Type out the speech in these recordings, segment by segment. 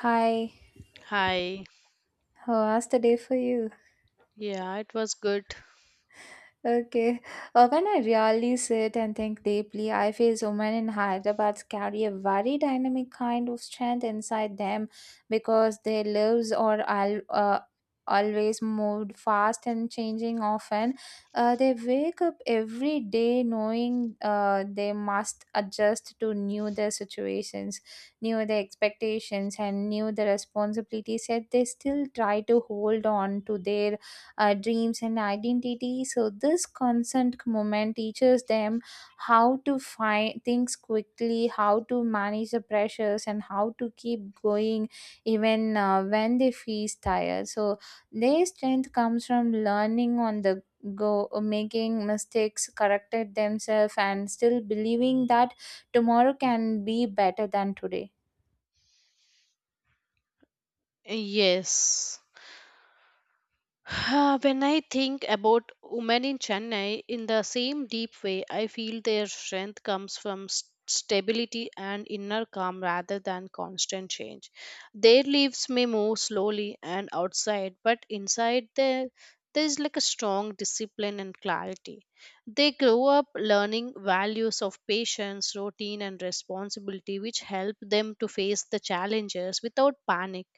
Hi, Hi. how was the day for you? Yeah, it was good. Okay. When I really sit and think deeply, I feel women in Hyderabad carry a very dynamic kind of strength inside them because their lives are always moved fast and changing often. They wake up every day knowing they must adjust to new their situations, new their expectations, and new the responsibilities. Yet they still try to hold on to their dreams and identity. So this constant moment teaches them how to find things quickly, how to manage the pressures, and how to keep going even when they feel tired. So their strength comes from learning on the go, making mistakes, corrected themselves, and still believing that tomorrow can be better than today. Yes. When I think about women in Chennai in the same deep way, I feel their strength comes from stability and inner calm rather than constant change. Their leaves may move slowly and outside, but inside there is like a strong discipline and clarity. They grow up learning values of patience, routine, and responsibility, which help them to face the challenges without panic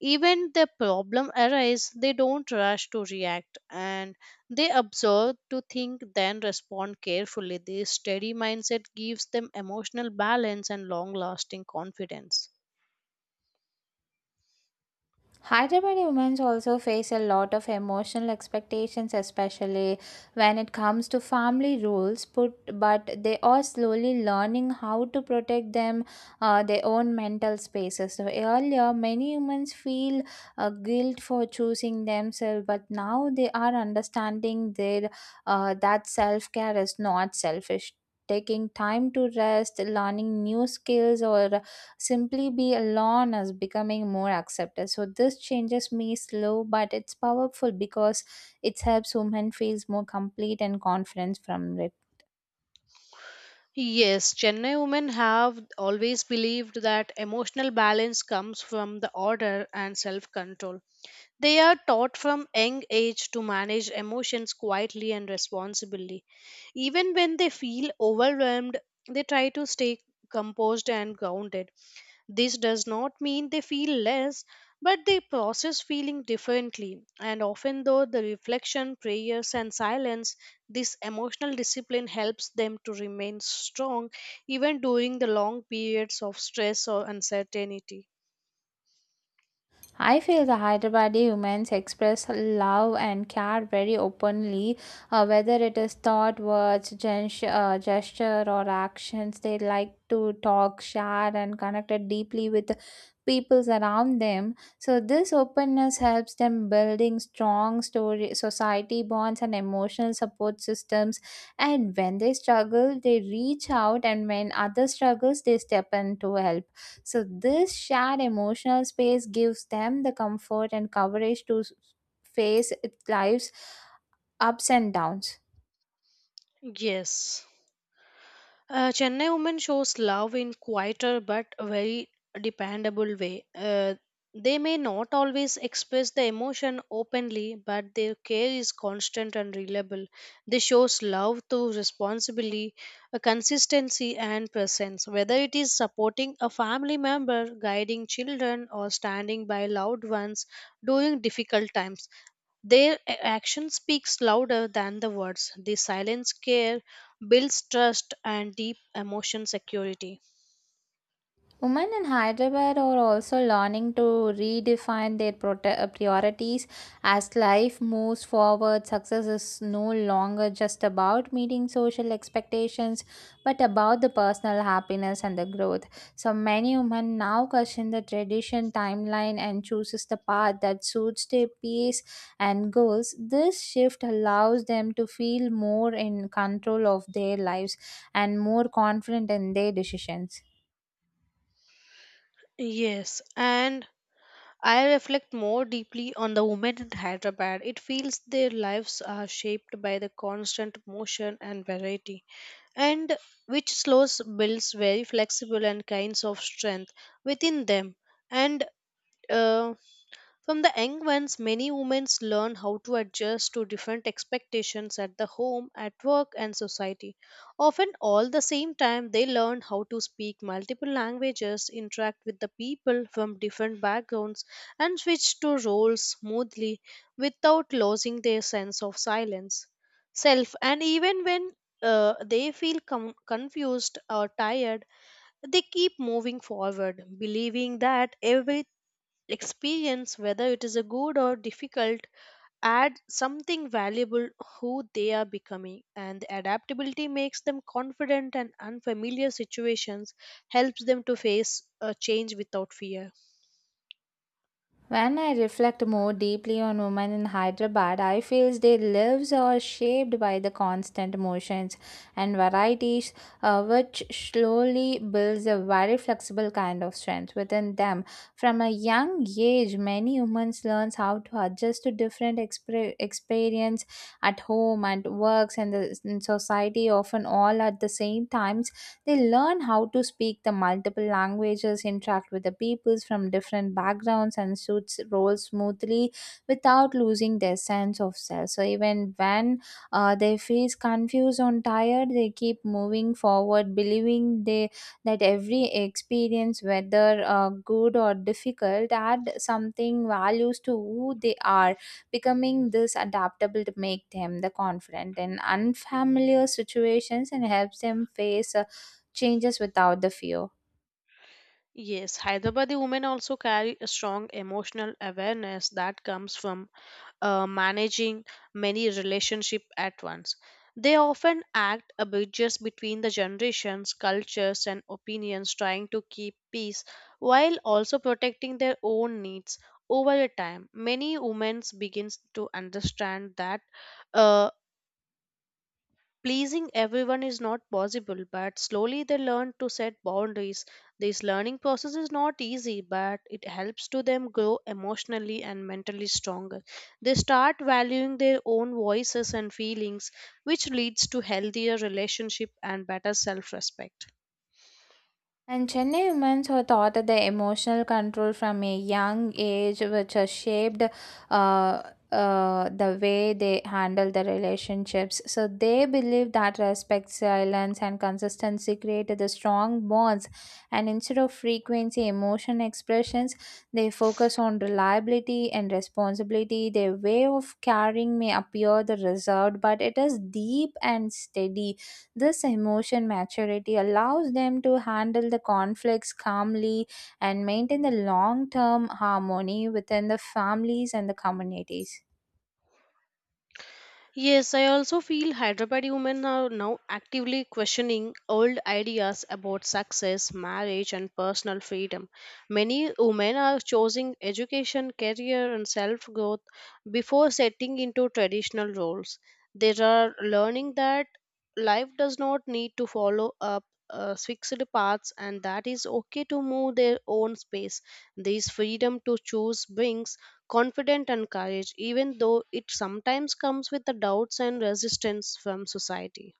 even the problem arise, they don't rush to react and they observe to think then respond carefully. This steady mindset gives them emotional balance and long lasting confidence. Hyderabadi women also face a lot of emotional expectations, especially when it comes to family rules. Put, but they are slowly learning how to protect them, their own mental spaces. So earlier, many humans feel guilt for choosing themselves, but now they are understanding their that self care is not selfish. Taking time to rest, learning new skills, or simply be alone as becoming more accepted. So this changes me slow, but it's powerful because it helps women feels more complete and confidence from it. Yes, Chennai women have always believed that emotional balance comes from the order and self control. They are taught from young age to manage emotions quietly and responsibly. Even when they feel overwhelmed, they try to stay composed and grounded. This does not mean they feel less, but they process feeling differently. And often, though, the reflection, prayers, and silence, this emotional discipline helps them to remain strong even during the long periods of stress or uncertainty. I feel the Hyderabadi women's express love and care very openly, whether it is thought, words, gesture, or actions. They like to talk, share, and connect it deeply with the peoples around them. So this openness helps them building strong story society bonds and emotional support systems. And when they struggle, they reach out, and when others struggles, they step in to help. So this shared emotional space gives them the comfort and coverage to face life's ups and downs. Yes. Chennai women shows love in quieter but very dependable way. They may not always express the emotion openly, but their care is constant and reliable. They shows love through responsibility, consistency, and presence. Whether it is supporting a family member, guiding children, or standing by loved ones during difficult times, their action speaks louder than the words. The silence care builds trust and deep emotion security. Women in Hyderabad are also learning to redefine their priorities as life moves forward. Success is no longer just about meeting social expectations, but about the personal happiness and the growth. So many women now question the tradition timeline and chooses the path that suits their pace and goals. This shift allows them to feel more in control of their lives and more confident in their decisions. Yes, and I reflect more deeply on the women in Hyderabad. It feels their lives are shaped by the constant motion and variety, and which slows builds very flexible and kinds of strength within them. And uh, From the young ones, many women learn how to adjust to different expectations at the home, at work, and society. Often, all the same time, they learn how to speak multiple languages, interact with the people from different backgrounds, and switch to roles smoothly without losing their sense of silence, self. And even when they feel confused or tired, they keep moving forward, believing that every experience whether it is a good or difficult add something valuable who they are becoming and the adaptability makes them confident and unfamiliar situations helps them to face a change without fear. When I reflect more deeply on women in Hyderabad, I feel their lives are shaped by the constant motions and varieties, which slowly builds a very flexible kind of strength within them. From a young age, many women learn how to adjust to different experience at home and works and the in society. Often all at the same time they learn how to speak the multiple languages, interact with the peoples from different backgrounds, and suits roles smoothly without losing their sense of self. So even when they feel confused or tired, they keep moving forward, believing they that every experience, whether good or difficult, add something values to who they are, becoming this adaptable to make them the confident in unfamiliar situations and helps them face changes without the fear. Yes, hyderabadi women also carry a strong emotional awareness that comes from managing many relationships at once. They often act a bridges between the generations, cultures, and opinions, trying to keep peace while also protecting their own needs. Over a time, many women begin to understand that uh, pleasing everyone is not possible, but slowly they learn to set boundaries. This learning process is not easy, but it helps to them grow emotionally and mentally stronger. They start valuing their own voices and feelings, which leads to healthier relationship and better self-respect. And Chennai women were taught that the emotional control from a young age, which has shaped uh, the way they handle the relationships. So they believe that respect, silence, and consistency created the strong bonds. And instead of frequency, emotion expressions, they focus on reliability and responsibility. Their way of carrying may appear the reserved, but it is deep and steady. This emotion maturity allows them to handle the conflicts calmly and maintain the long term harmony within the families and the communities. Yes, I also feel Hyderabadi women are now actively questioning old ideas about success, marriage, and personal freedom. Many women are choosing education, career, and self growth before setting into traditional roles. They are learning that life does not need to follow up. Fixed paths and that is okay to move their own space. This freedom to choose brings confident and courage, even though it sometimes comes with the doubts and resistance from society.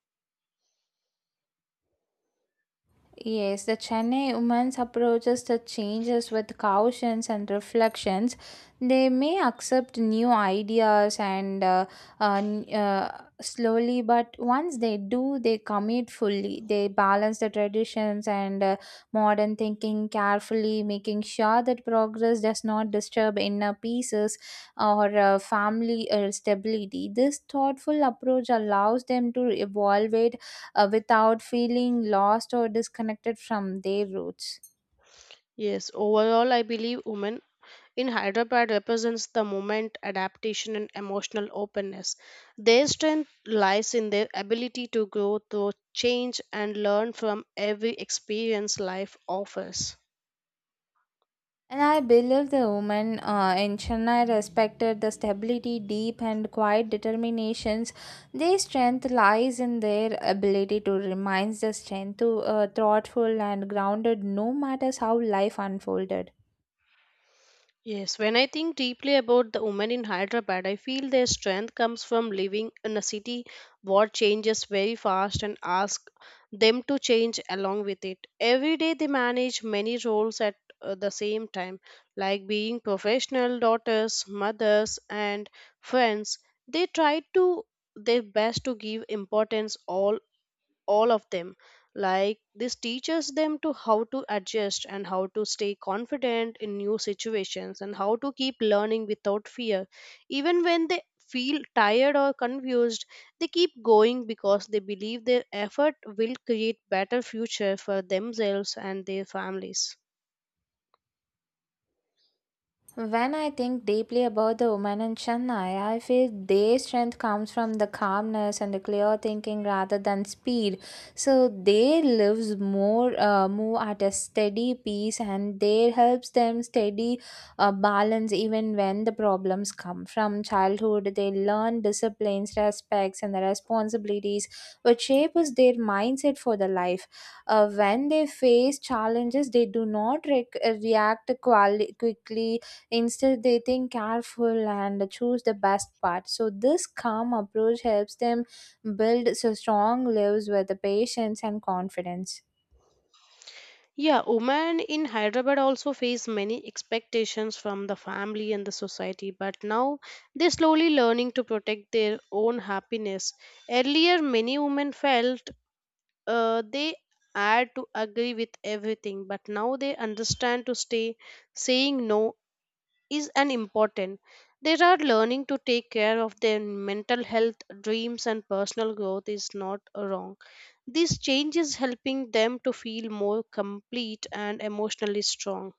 Yes, the Chennai woman's approaches the changes with cautions and reflections. They may accept new ideas and slowly, but once they do, they commit fully. They balance the traditions and modern thinking carefully, making sure that progress does not disturb inner pieces or family stability. This thoughtful approach allows them to evaluate without feeling lost or disconnected from their roots. Yes, overall, I believe women in Hyderabad represents the movement, adaptation, and emotional openness. Their strength lies in their ability to grow through change and learn from every experience life offers. And I believe the women in Chennai respected the stability, deep and quiet determinations. Their strength lies in their ability to remain the strength to thoughtful and grounded, no matter how life unfolded. Yes, when I think deeply about the women in Hyderabad, I feel their strength comes from living in a city what changes very fast and ask them to change along with it. Every day they manage many roles at the same time, like being professional daughters, mothers, and friends. They try to their best to give importance all of them like this teaches them to how to adjust and how to stay confident in new situations and how to keep learning without fear even when they feel tired or confused they keep going because they believe their effort will create better future for themselves and their families. When I think deeply about the woman in Chennai, I feel their strength comes from the calmness and the clear thinking rather than speed. So their lives more move at a steady pace, and their helps them steady balance even when the problems come. From childhood, they learn disciplines, respects, and the responsibilities, which shapes their mindset for the life. Uh, when they face challenges they do not react quickly. Instead, they think careful and choose the best part. So this calm approach helps them build so strong lives with the patience and confidence. Yeah, women in Hyderabad also face many expectations from the family and the society, but now they're slowly learning to protect their own happiness. Earlier, many women felt they had to agree with everything, but now they understand to stay saying no is an important. They are learning to take care of their mental health, dreams, and personal growth is not wrong. This change is helping them to feel more complete and emotionally strong.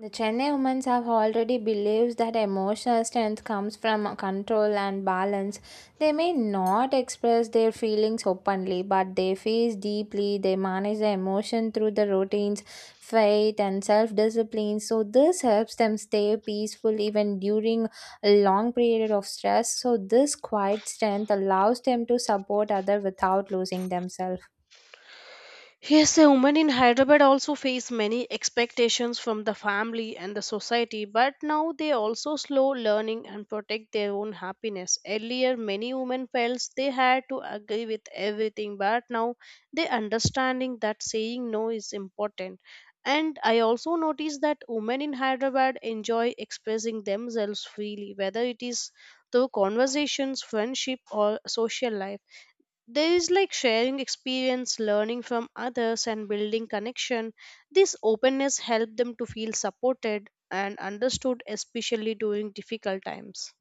The Chennai women have already believes that emotional strength comes from control and balance. They may not express their feelings openly, but they feel deeply. They manage their emotion through the routines, faith, and self-discipline. So this helps them stay peaceful even during a long period of stress. So this quiet strength allows them to support others without losing themselves. Yes, a woman in Hyderabad also face many expectations from the family and the society, but now they also slow learning and protect their own happiness. Earlier, many women felt they had to agree with everything, but now they understanding that saying no is important. And I also noticed that women in Hyderabad enjoy expressing themselves freely, whether it is through conversations, friendship, or social life there is like sharing experience learning from others and building connection this openness helps them to feel supported and understood especially during difficult times.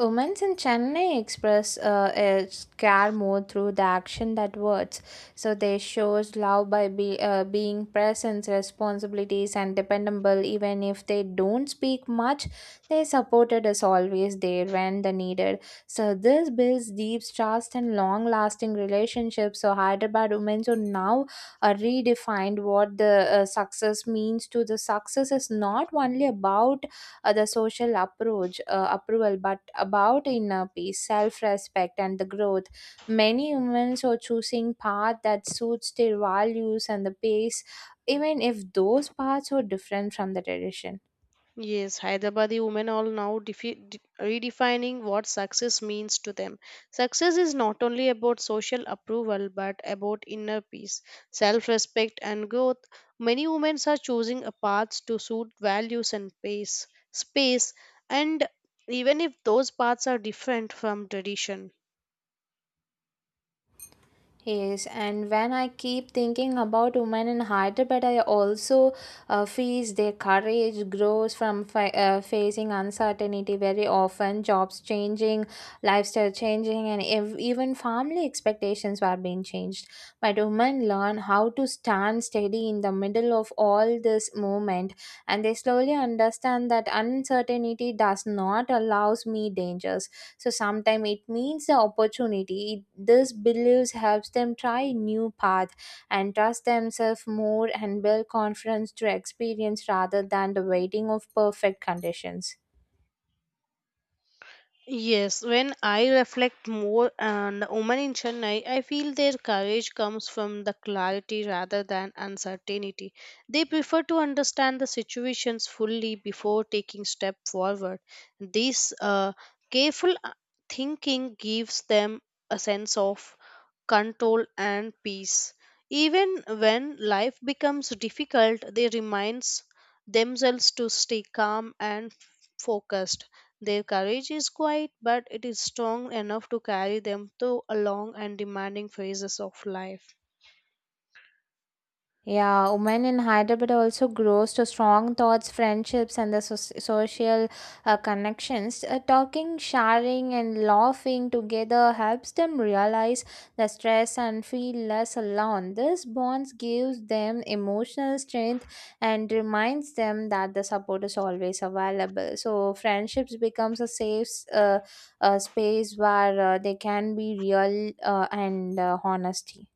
Women's in Chennai express its care more through the action that words. So they shows love by being present, responsibilities, and dependable. Even if they don't speak much, they supported us always there when the needed. So this builds deep trust and long-lasting relationships. So Hyderabad women so now redefined what the success means. To the success is not only about the social approach approval, but about inner peace, self-respect, and the growth. Many humans are choosing path that suits their values and the pace, even if those paths are different from the tradition. Yes, Hyderabadi women are now redefining what success means to them. Success is not only about social approval but about inner peace, self respect, and growth. Many women are choosing a path to suit values and pace, space, and even if those paths are different from tradition. Yes, and when I keep thinking about women in Hyderabad, I also feel their courage grows from facing uncertainty very often, jobs changing, lifestyle changing, and even family expectations were being changed. But women learn how to stand steady in the middle of all this movement, and they slowly understand that uncertainty does not allows me dangers. So sometimes it means the opportunity. This beliefs helps them try new path and trust themselves more and build confidence through experience rather than the waiting of perfect conditions. Yes, when I reflect more on the women in Chennai, I feel their courage comes from the clarity rather than uncertainty. They prefer to understand the situations fully before taking step forward. This careful thinking gives them a sense of control and peace. Even when life becomes difficult, they reminds themselves to stay calm and focused. Their courage is quiet, but it is strong enough to carry them through a long and demanding phases of life. Yeah, women in Hyderabad also grows to strong thoughts, friendships, and the social connections. Talking, sharing, and laughing together helps them realize the stress and feel less alone. This bonds gives them emotional strength and reminds them that the support is always available. So friendships becomes a safe space where they can be real and honesty.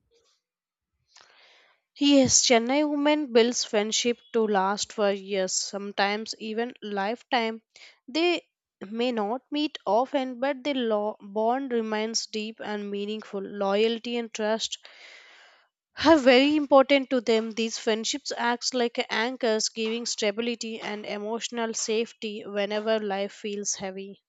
Yes, Chennai women builds friendship to last for years, sometimes even lifetime. They may not meet often, but the bond remains deep and meaningful. Loyalty and trust are very important to them. These friendships act like anchors, giving stability and emotional safety whenever life feels heavy.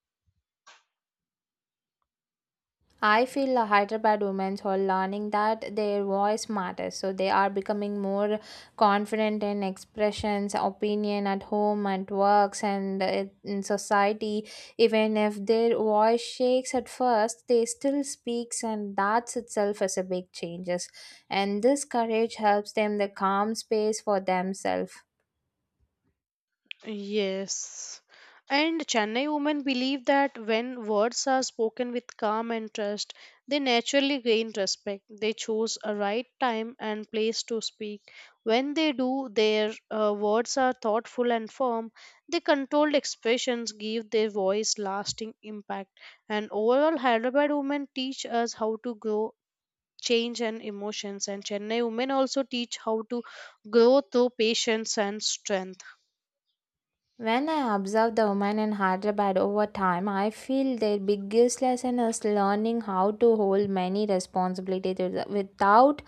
I feel the Hyderabad women are learning that their voice matters, so they are becoming more confident in expressions, opinion at home, at works, and in society. Even if their voice shakes at first, they still speaks, and that itself is a big changes. And this courage helps them the calm space for themselves. Yes. And Chennai women believe that when words are spoken with calm and trust, they naturally gain respect. They choose a right time and place to speak. When they do, their words are thoughtful and firm. Their controlled expressions give their voice lasting impact. And overall, Hyderabad women teach us how to grow, change, and emotions. And Chennai women also teach how to grow through patience and strength. When I observe the women in Hyderabad over time, I feel their biggest lesson is learning how to hold many responsibilities without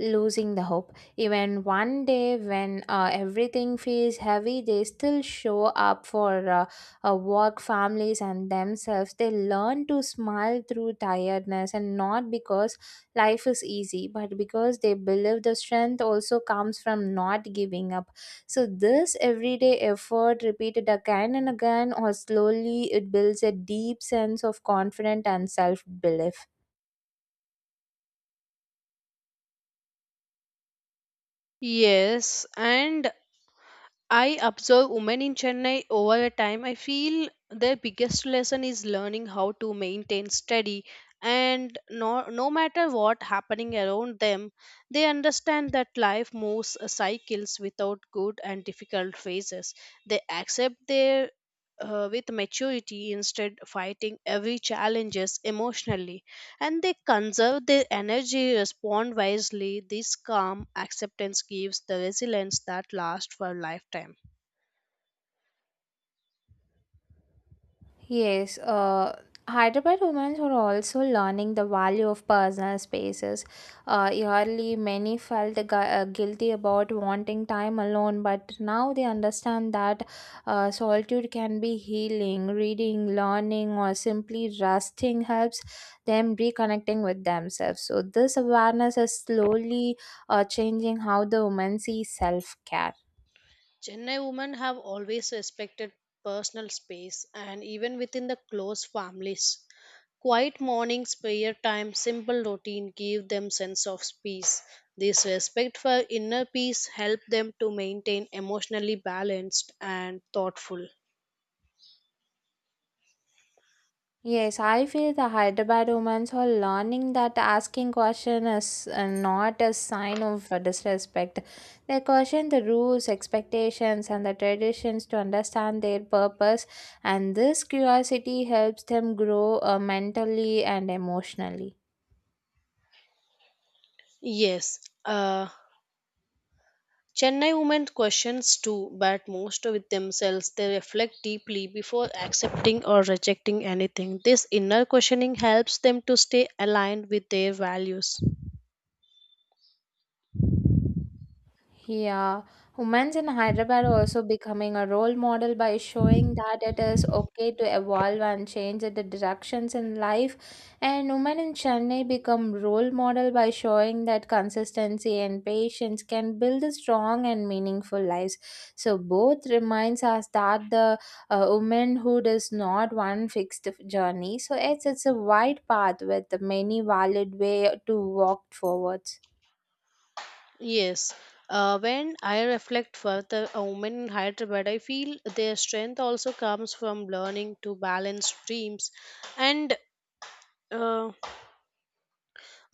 losing the hope. Even one day when everything feels heavy, they still show up for work, families, and themselves. They learn to smile through tiredness and not because life is easy, but because they believe the strength also comes from not giving up. So this everyday effort repeated again and again or slowly it builds a deep sense of confidence and self-belief. Yes, and I observe women in Chennai over a time. I feel their biggest lesson is learning how to maintain steady and no matter what happening around them, they understand that life moves cycles without good and difficult phases. They accept their with maturity instead fighting every challenges emotionally and they conserve their energy, respond wisely. This calm acceptance gives the resilience that lasts for a lifetime. Yes, Hyderabad women were also learning the value of personal spaces. Early, many felt guilty about wanting time alone, but now they understand that solitude can be healing. Reading, learning, or simply resting helps them reconnecting with themselves. So this awareness is slowly changing how the women see self care. Chennai women have always respected personal space and even within the close families. Quiet mornings, prayer time, simple routine give them sense of peace. This respect for inner peace help them to maintain emotionally balanced and thoughtful. Yes, I feel the Hyderabad women's are learning that asking question is not a sign of disrespect. They question the rules, expectations, and the traditions to understand their purpose, and this curiosity helps them grow mentally and emotionally. Yes, uh, Chennai women questions too, but most with themselves. They reflect deeply before accepting or rejecting anything. This inner questioning helps them to stay aligned with their values. Yeah, women in Hyderabad are also becoming a role model by showing that it is okay to evolve and change the directions in life. And women in Chennai become role model by showing that consistency and patience can build a strong and meaningful lives. So both reminds us that the womanhood is not one fixed journey. So it's a wide path with many valid way to walk forwards. Yes. When I reflect further, a woman in Hyderabad, I feel their strength also comes from learning to balance dreams and uh,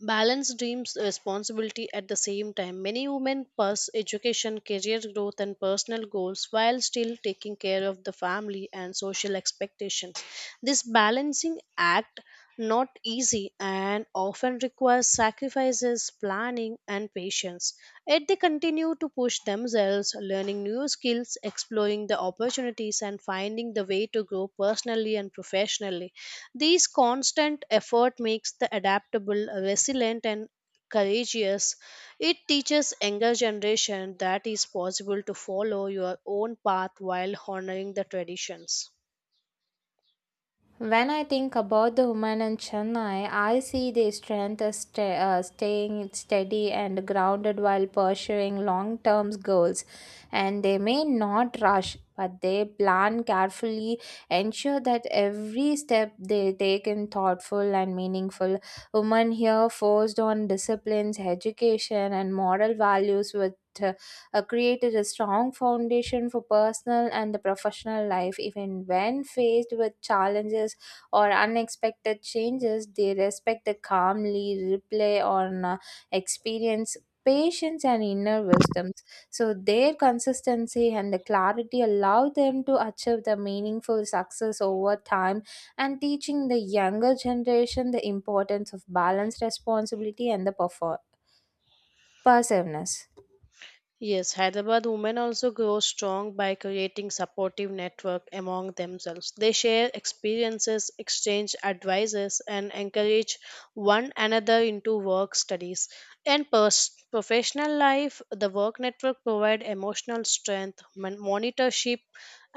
balance dreams responsibility at the same time. Many women pursue education, career growth, and personal goals while still taking care of the family and social expectations. This balancing act not easy and often requires sacrifices, planning, and patience. Yet they continue to push themselves, learning new skills, exploring the opportunities, and finding the way to grow personally and professionally. This constant effort makes the adaptable, resilient, and courageous. It teaches younger generation that is possible to follow your own path while honoring the traditions. When I think about the woman in Chennai, I see their strength as staying steady and grounded while pursuing long term goals. And they may not rush, but they plan carefully, ensure that every step they take is thoughtful and meaningful. Women here forced on disciplines, education, and moral values with uh, created a strong foundation for personal and the professional life. Even when faced with challenges or unexpected changes, they respect the calmly replay on experience. Patience and inner wisdoms. So, their consistency and the clarity allow them to achieve the meaningful success over time and teaching the younger generation the importance of balanced responsibility and the perseverance. Yes, Hyderabad women also grow strong by creating supportive network among themselves. They share experiences, exchange advices, and encourage one another into work studies and professional life. The work network provide emotional strength, monitorship,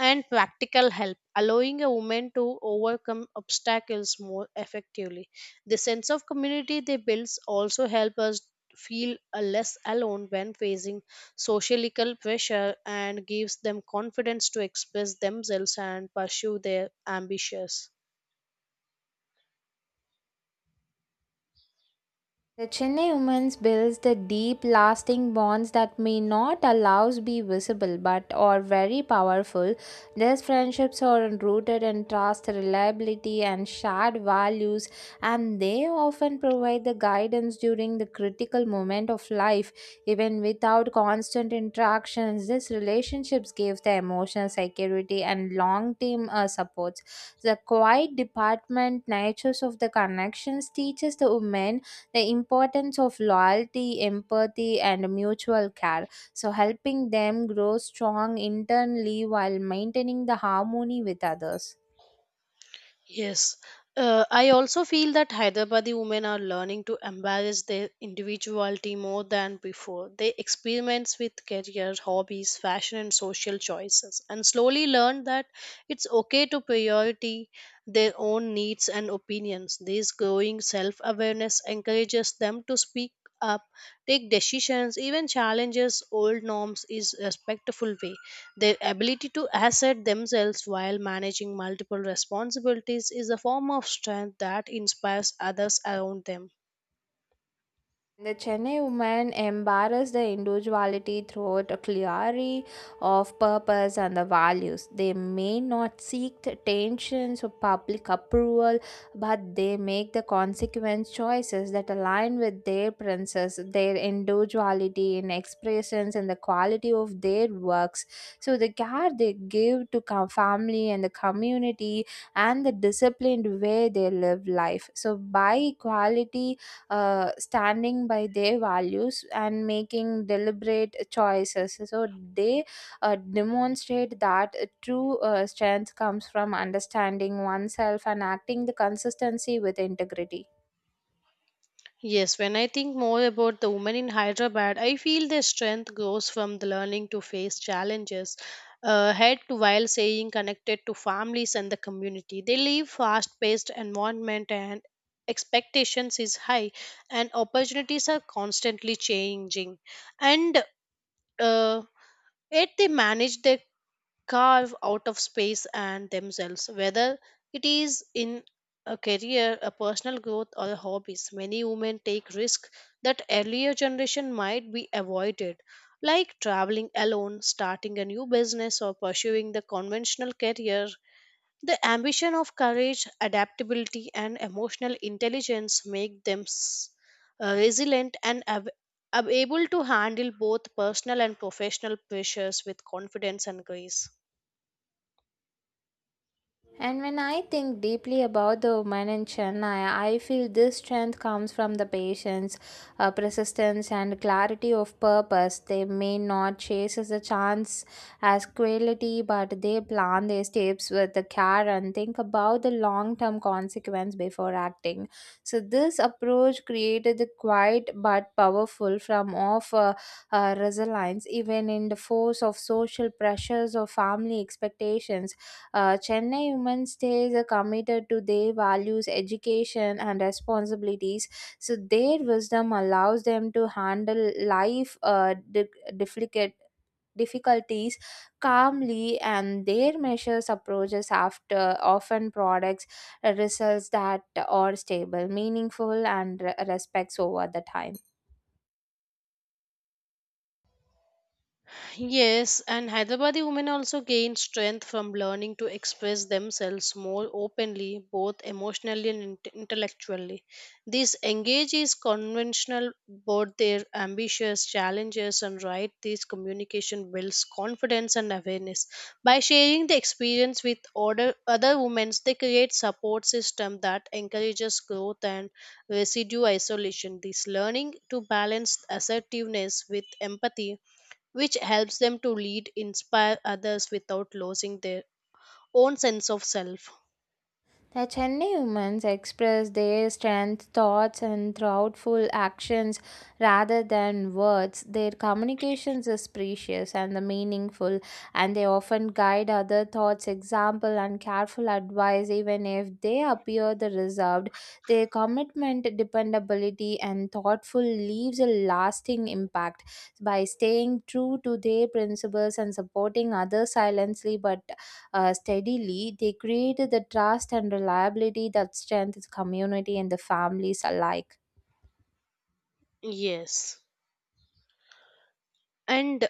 and practical help, allowing a woman to overcome obstacles more effectively. The sense of community they builds also help us feel less alone when facing societal pressure and gives them confidence to express themselves and pursue their ambitions. The Chennai women's builds the deep lasting bonds that may not allows be visible but are very powerful. These friendships are rooted in trust, reliability and shared values and they often provide the guidance during the critical moment of life. Even without constant interactions, these relationships give the emotional security and long-term supports. The quiet department natures of the connections teaches the women the importance of loyalty, empathy, and mutual care. So, helping them grow strong internally while maintaining the harmony with others. Yes, I also feel that Hyderabadi women are learning to embrace their individuality more than before. They experiment with career, hobbies, fashion, and social choices, and slowly learn that it's okay to priority their own needs and opinions. This growing self-awareness encourages them to speak up, take decisions, even challenges old norms in a respectful way. Their ability to assert themselves while managing multiple responsibilities is a form of strength that inspires others around them. The Chennai women embrace their individuality through a clarity of purpose and the values. They may not seek the attentions or public approval, but they make the consequent choices that align with their princess, their individuality in expressions and the quality of their works. So the care they give to family and the community and the disciplined way they live life. So by equality, standing by their values and making deliberate choices. So they demonstrate that true strength comes from understanding oneself and acting the consistency with integrity. Yes, when I think more about the women in Hyderabad, I feel their strength grows from the learning to face challenges head to while staying connected to families and the community. They live fast-paced environment and expectations is high and opportunities are constantly changing and uh, yet they manage their carve out of space and themselves, whether it is in a career, a personal growth, or a hobbies. Many women take risks that earlier generation might be avoided, like traveling alone, starting a new business, or pursuing the conventional career. The ambition of courage, adaptability, and emotional intelligence make them resilient and able to handle both personal and professional pressures with confidence and grace. And when I think deeply about the women in Chennai, I feel this strength comes from the patience, persistence, and clarity of purpose. They may not chase the chance as quality, but they plan their steps with the care and think about the long-term consequence before acting. So this approach created the quiet but powerful from of resilience, even in the force of social pressures or family expectations Chennai women stays are committed to their values, education, and responsibilities. So their wisdom allows them to handle life difficult difficulties calmly, and their measures approaches after often products results that are stable, meaningful, and respects over the time. Yes, and Hyderabadi women also gain strength from learning to express themselves more openly, both emotionally and intellectually. This engages conventional both their ambitious challenges and right. This communication builds confidence and awareness. By sharing the experience with other women, they create support system that encourages growth and residue isolation. This learning to balance assertiveness with empathy which helps them to lead, inspire others without losing their own sense of self. The Chennai women express their strength, thoughts, and thoughtful actions rather than words. Their communications is precious and the meaningful, and they often guide other thoughts, example, and careful advice. Even if they appear the reserved, their commitment, dependability, and thoughtful leaves a lasting impact. By staying true to their principles and supporting others silently but steadily, they created the trust and reliability that strengthens community and the families alike. Yes. And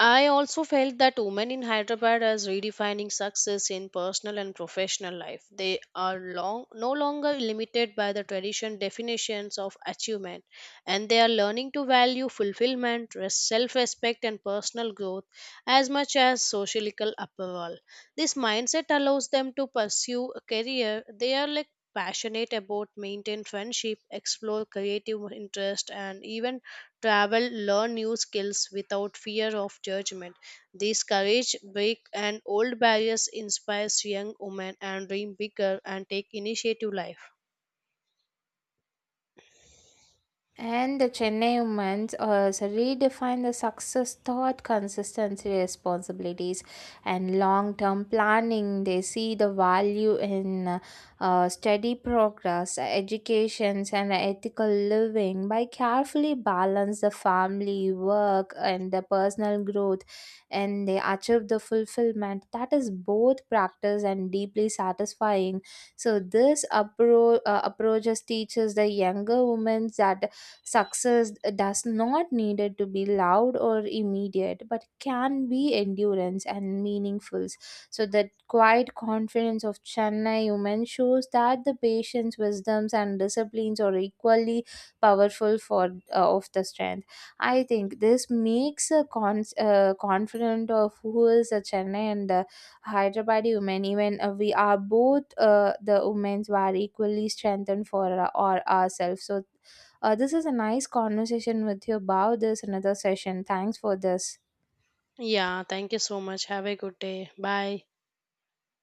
I also felt that women in Hyderabad are redefining success in personal and professional life. They are long, no longer limited by the tradition definitions of achievement, and they are learning to value fulfillment, self respect, and personal growth as much as social approval. This mindset allows them to pursue a career they are like passionate about maintain friendship explore creative interest and even travel, learn new skills without fear of judgment. This courage, break and old barriers inspires young women and dream bigger and take initiative life. And the Chennai women's so redefine the success thought, consistency, responsibilities, and long term planning. They see the value in steady progress, educations, and ethical living by carefully balance the family, work, and the personal growth. And they achieve the fulfillment that is both practice and deeply satisfying. So, this approaches teaches the younger women that success does not need it to be loud or immediate, but can be endurance and meaningful. So that quiet confidence of Chennai women shows that the patience, wisdoms, and disciplines are equally powerful for of the strength. I think this makes a confident of who is a Chennai and the Hyderabadi women. Even we are both the women's were equally strengthened for our ourselves. So this is a nice conversation with you about this another session. Thanks for this. Yeah, thank you so much. Have a good day. Bye.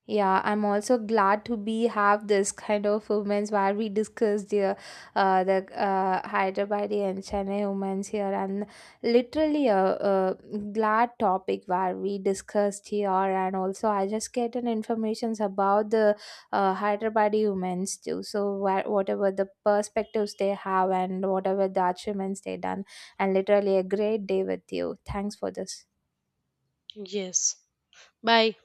Yeah, I'm also glad to be have this kind of women's where we discuss the Hyderabad and Chennai women's here and literally a glad topic where we discussed here and also I just get an informations about the Hyderabad women's too. So where, whatever the perspectives they have and whatever the achievements they done and literally a great day with you. Thanks for this. Yes. Bye.